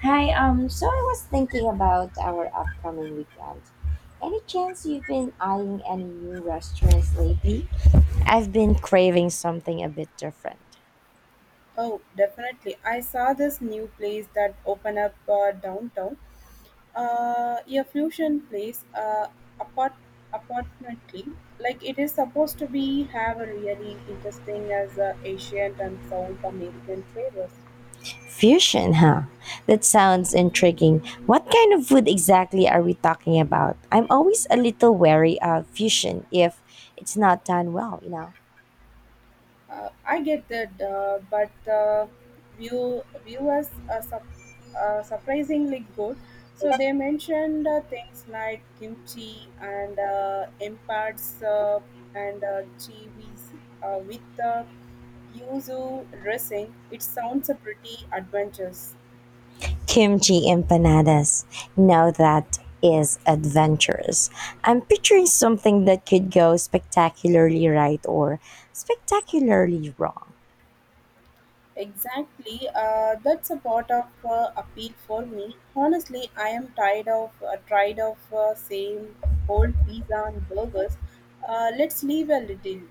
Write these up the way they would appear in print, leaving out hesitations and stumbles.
Hi. So I was thinking about our upcoming weekend. Any chance you've been eyeing any new restaurants lately? I've been craving something a bit different. Oh, definitely. I saw this new place that opened up downtown. A fusion place, apart apartmently. Like it is supposed to be have a really interesting as Asian and South American flavors. Fusion, huh? That sounds intriguing. What kind of food exactly are we talking about? I'm always a little wary of fusion if it's not done well, you know? I get that, but the viewers are surprisingly good. So they mentioned things like kimchi and imparts and chivis with the yuzu dressing. It sounds a pretty adventurous. Kimchi empanadas. Now that is adventurous. I'm picturing something that could go spectacularly right or spectacularly wrong. Exactly, that's a part of appeal for me. Honestly, I am tired of same old pizza and burgers. Let's leave a little.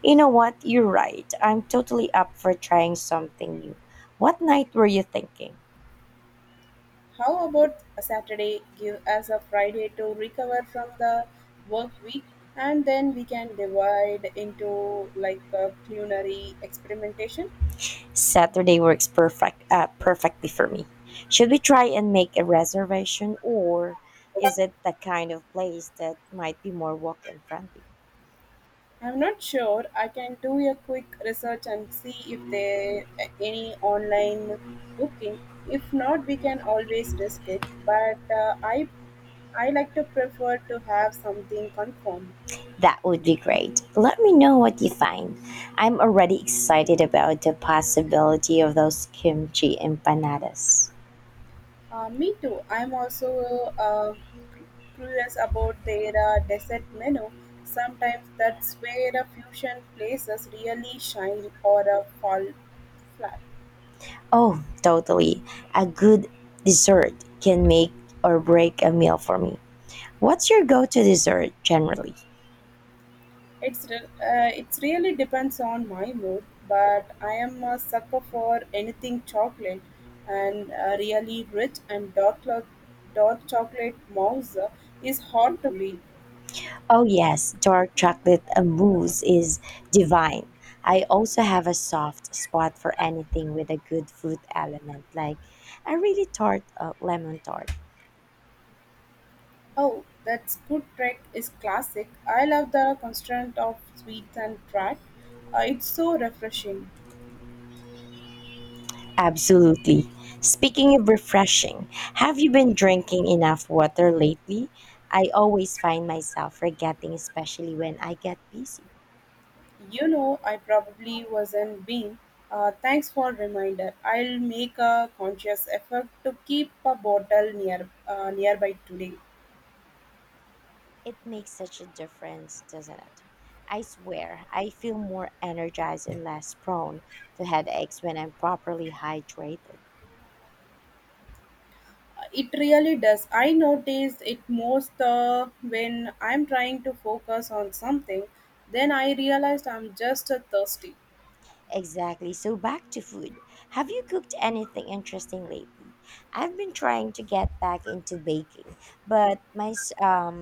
You know what? You're right. I'm totally up for trying something new. What night were you thinking? How about a Saturday? Give us a Friday to recover from the work week, and then we can divide into like a culinary experimentation. Saturday works perfectly for me. Should we try and make a reservation or is it the kind of place that might be more walk-in friendly? I'm not sure. I can do a quick research and see if there any online booking. If not, we can always risk it. But I like to prefer to have something confirmed. That would be great. Let me know what you find. I'm already excited about the possibility of those kimchi empanadas. Me too. I'm also uh, curious about their dessert menu. Sometimes that's where a fusion places really shine or fall flat. Oh, totally. A good dessert can make or break a meal for me. What's your go to dessert generally? It really depends on my mood, but I am a sucker for anything chocolate, and really rich and dark chocolate mouse is hard to beat. Oh, yes, dark chocolate mousse is divine. I also have a soft spot for anything with a good fruit element, like a really tart lemon tart. Oh, that's good track is classic. I love the constraint of sweets and track. It's so refreshing. Absolutely. Speaking of refreshing, have you been drinking enough water lately? I always find myself forgetting, especially when I get busy. You know, I probably wasn't being. Thanks for reminder. I'll make a conscious effort to keep a bottle nearby today. It makes such a difference, doesn't it? I swear, I feel more energized and less prone to headaches when I'm properly hydrated. It really does. I notice it most when I'm trying to focus on something. Then I realized I'm just thirsty. Exactly. So back to food. Have you cooked anything interesting lately? I've been trying to get back into baking, but my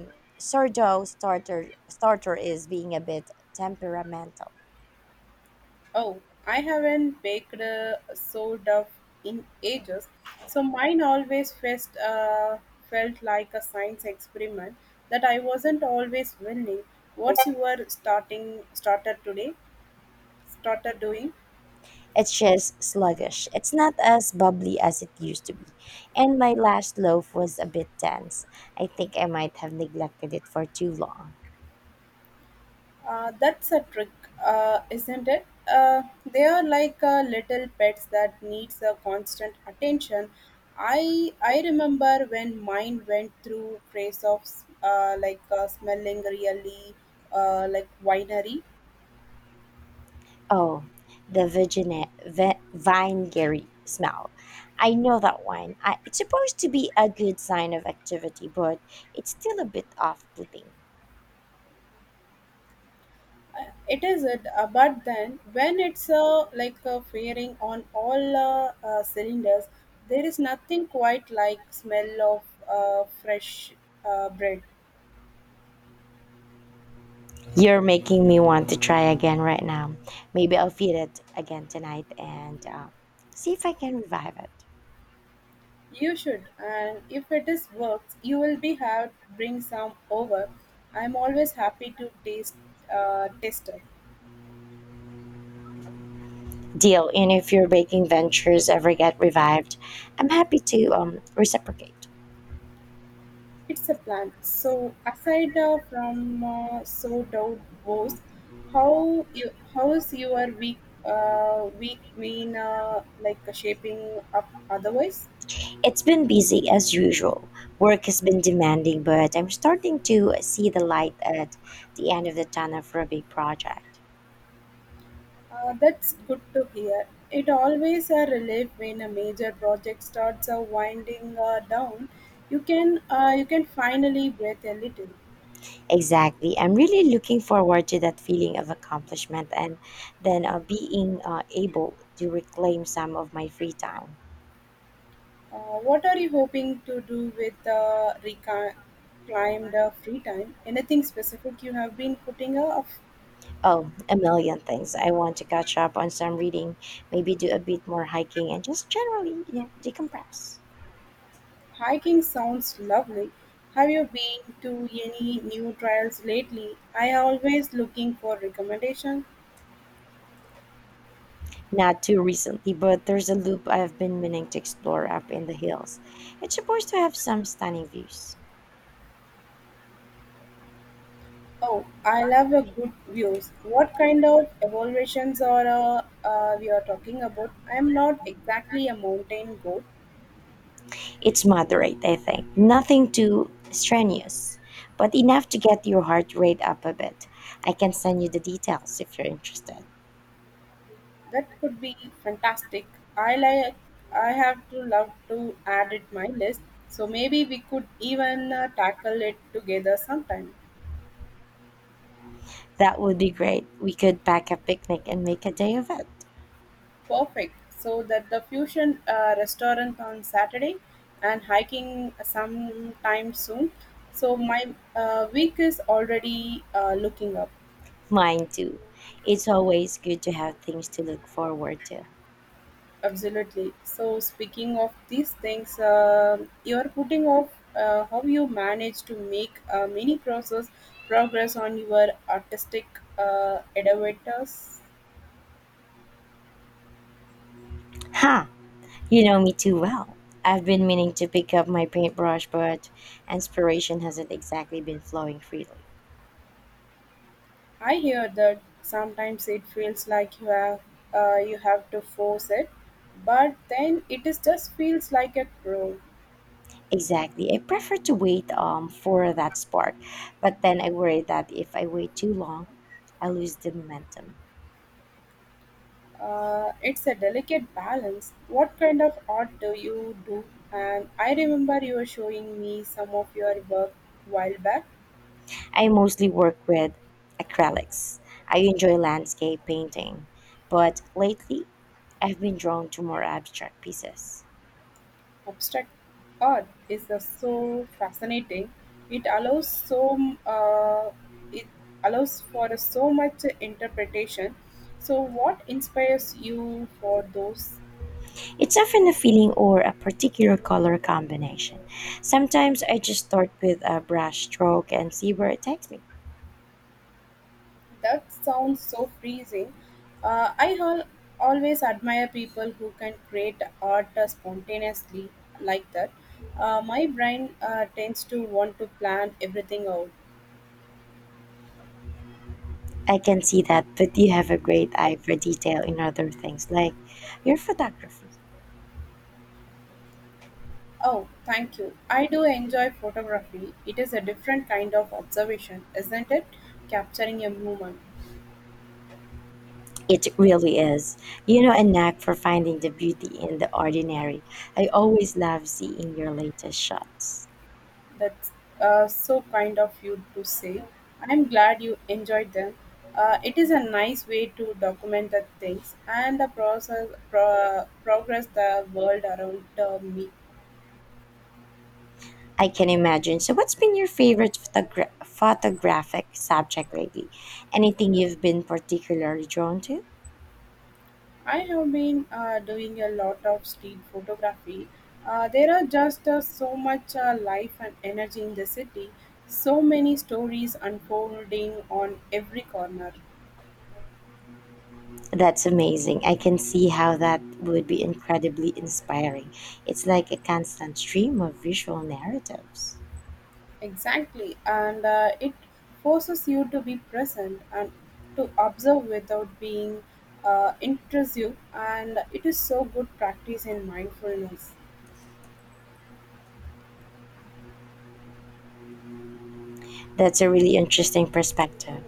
sourdough starter is being a bit temperamental. Oh, I haven't baked a soda in ages. So mine always felt like a science experiment that I wasn't always willing. What's your starting starter today? Starter doing? It's just sluggish. It's not as bubbly as it used to be. And my last loaf was a bit dense. I think I might have neglected it for too long. That's a trick, isn't it? They are like little pets that needs a constant attention. I remember when mine went through phase of like smelling really like winery. Oh, the vinegary smell. I know that one. It's supposed to be a good sign of activity, but it's still a bit off-putting. It is it, but then when it's like firing on all cylinders, there is nothing quite like smell of fresh bread. You're making me want to try again right now. Maybe I'll feed it again tonight and see if I can revive it. You should, and if it is works, you will be have bring some over. I'm always happy to taste test it. Deal. And if your baking ventures ever get revived, I'm happy to reciprocate. It's a plan. So aside from so doubt was, how's your week been like shaping up otherwise? It's been busy as usual. Work has been demanding, but I'm starting to see the light at the end of the tunnel for a big project. That's good to hear. It always a relief when a major project starts winding down. You can finally breathe a little. Exactly. I'm really looking forward to that feeling of accomplishment and then being able to reclaim some of my free time. What are you hoping to do with the reclaimed free time? Anything specific you have been putting off? Oh, a million things. I want to catch up on some reading, maybe do a bit more hiking and just generally, you know, decompress. Hiking sounds lovely. Have you been to any new trails lately? I always looking for recommendation. Not too recently, but there's a loop I've been meaning to explore up in the hills. It's supposed to have some stunning views. Oh, I love a good views. What kind of evaluations are we are talking about? I am not exactly a mountain goat. It's moderate, I think. Nothing too strenuous, but enough to get your heart rate up a bit. I can send you the details if you're interested. That could be fantastic. I like. I have to love to add it my list. So maybe we could even tackle it together sometime. That would be great. We could pack a picnic and make a day of it. Perfect. So that the fusion restaurant on Saturday and hiking sometime soon. So my week is already looking up. Mine too. It's always good to have things to look forward to. Absolutely. So, speaking of these things, you're putting off how you manage to make many process progress on your artistic elevators. Ha! You know me too well. I've been meaning to pick up my paintbrush, but inspiration hasn't exactly been flowing freely. I hear that sometimes it feels like you have to force it, but then it is just feels like a pro. Exactly. I prefer to wait for that spark, but then I worry that if I wait too long, I lose the momentum. It's a delicate balance. What kind of art do you do? And I remember you were showing me some of your work while back. I mostly work with acrylics. I enjoy landscape painting, but lately I've been drawn to more abstract pieces. Abstract art is so fascinating. It allows so m- uh, it allows for so much interpretation. So, what inspires you for those? It's often a feeling or a particular color combination. Sometimes I just start with a brush stroke and see where it takes me. That sounds so freezing. I always admire people who can create art spontaneously like that. My brain tends to want to plan everything out. I can see that, but you have a great eye for detail in other things like your photography. Oh, thank you. I do enjoy photography. It is a different kind of observation, isn't it? Capturing a moment. It really is. You know, a knack for finding the beauty in the ordinary. I always love seeing your latest shots. That's so kind of you to say. I'm glad you enjoyed them. It is a nice way to document the things and the progress the world around me. I can imagine. So, what's been your favorite photographic subject lately? Anything you've been particularly drawn to? I have been doing a lot of street photography. There are just so much life and energy in the city, so many stories unfolding on every corner. That's amazing. I can see how that would be incredibly inspiring. It's like a constant stream of visual narratives. Exactly, and it forces you to be present and to observe without being intrusive, and it is so good practice in mindfulness. That's a really interesting perspective.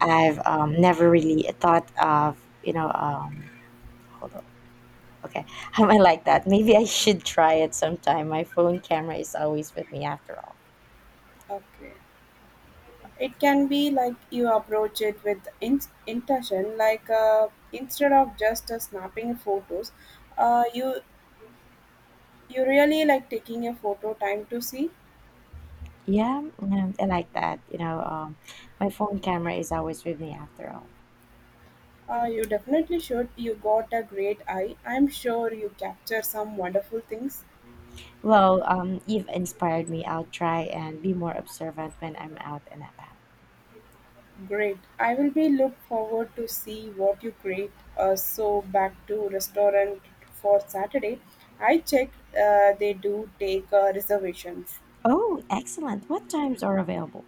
I've never really thought of, you know, hold on. Okay, am I like that? Maybe I should try it sometime. My phone camera is always with me after all. Okay. It can be like you approach it with intention, like instead of just snapping photos, uh, you you really like taking a photo time to see. Yeah, yeah, I like that. You know, my phone camera is always with me after all. You definitely should. You got a great eye. I'm sure you capture some wonderful things. Well, you've inspired me. I'll try and be more observant when I'm out and about. Great. I will be look forward to see what you create. So back to restaurant for Saturday. I checked. They do take reservations. Oh, excellent. What times are available?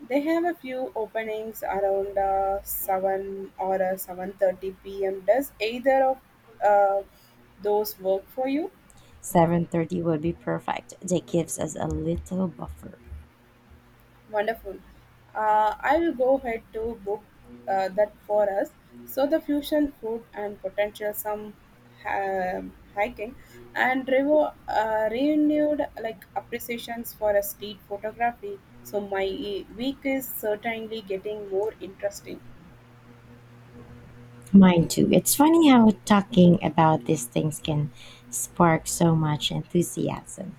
They have a few openings around seven or 7:30 p.m. Does either of uh, those work for you? 7:30 would be perfect. That gives us a little buffer. Wonderful. I will go ahead to book that for us. So the fusion food and potential some hiking and renewed like appreciations for a street photography. So my week is certainly getting more interesting. Mine too. It's funny how talking about these things can spark so much enthusiasm.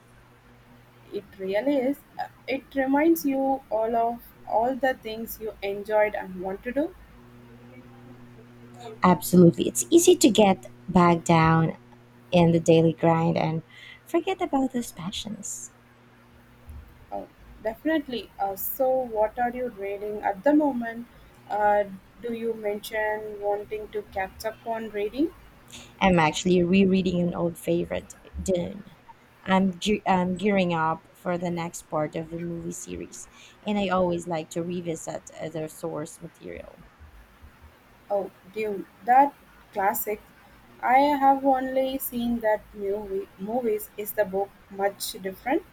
It really is. It reminds you all of all the things you enjoyed and want to do. Absolutely. It's easy to get bogged down in the daily grind and forget about those passions. Oh, definitely. So, what are you reading at the moment? Uh, do you mention wanting to catch up on reading? I'm actually rereading an old favorite, Dune. I'm gearing up for the next part of the movie series, and I always like to revisit the source material. Oh, Dune, that classic. I have only seen that movie. Movies is the book much different?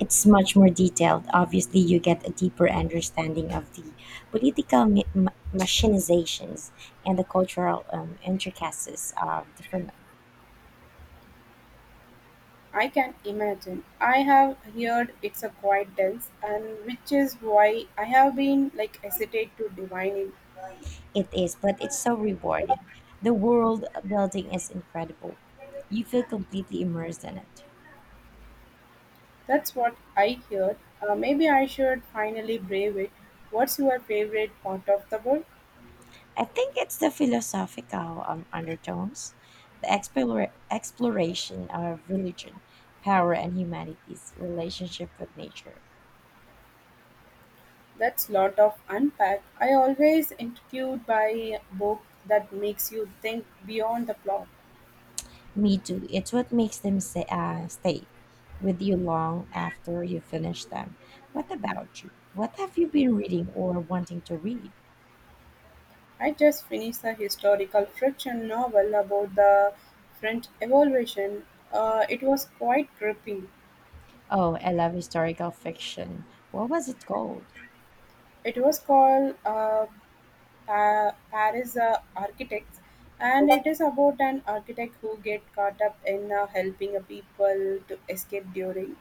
It's much more detailed. Obviously, you get a deeper understanding of the political machinations and the cultural intricacies of the film. I can imagine. I have heard it's a quite dense, and which is why I have been like hesitate to divine it. It is, but it's so rewarding. The world building is incredible. You feel completely immersed in it. That's what I heard. Maybe I should finally brave it. What's your favorite part of the book? I think it's the philosophical undertones, the exploration of religion, power, and humanity's relationship with nature. That's lot of unpack. I always intrigued by book that makes you think beyond the plot. Me too. It's what makes them say, stay with you long after you finish them. What about you? What have you been reading or wanting to read? I just finished a historical fiction novel about the French Revolution. It was quite gripping. Oh, I love historical fiction. What was it called? It was called Paris Architects, and it is about an architect who get caught up in helping people to escape during.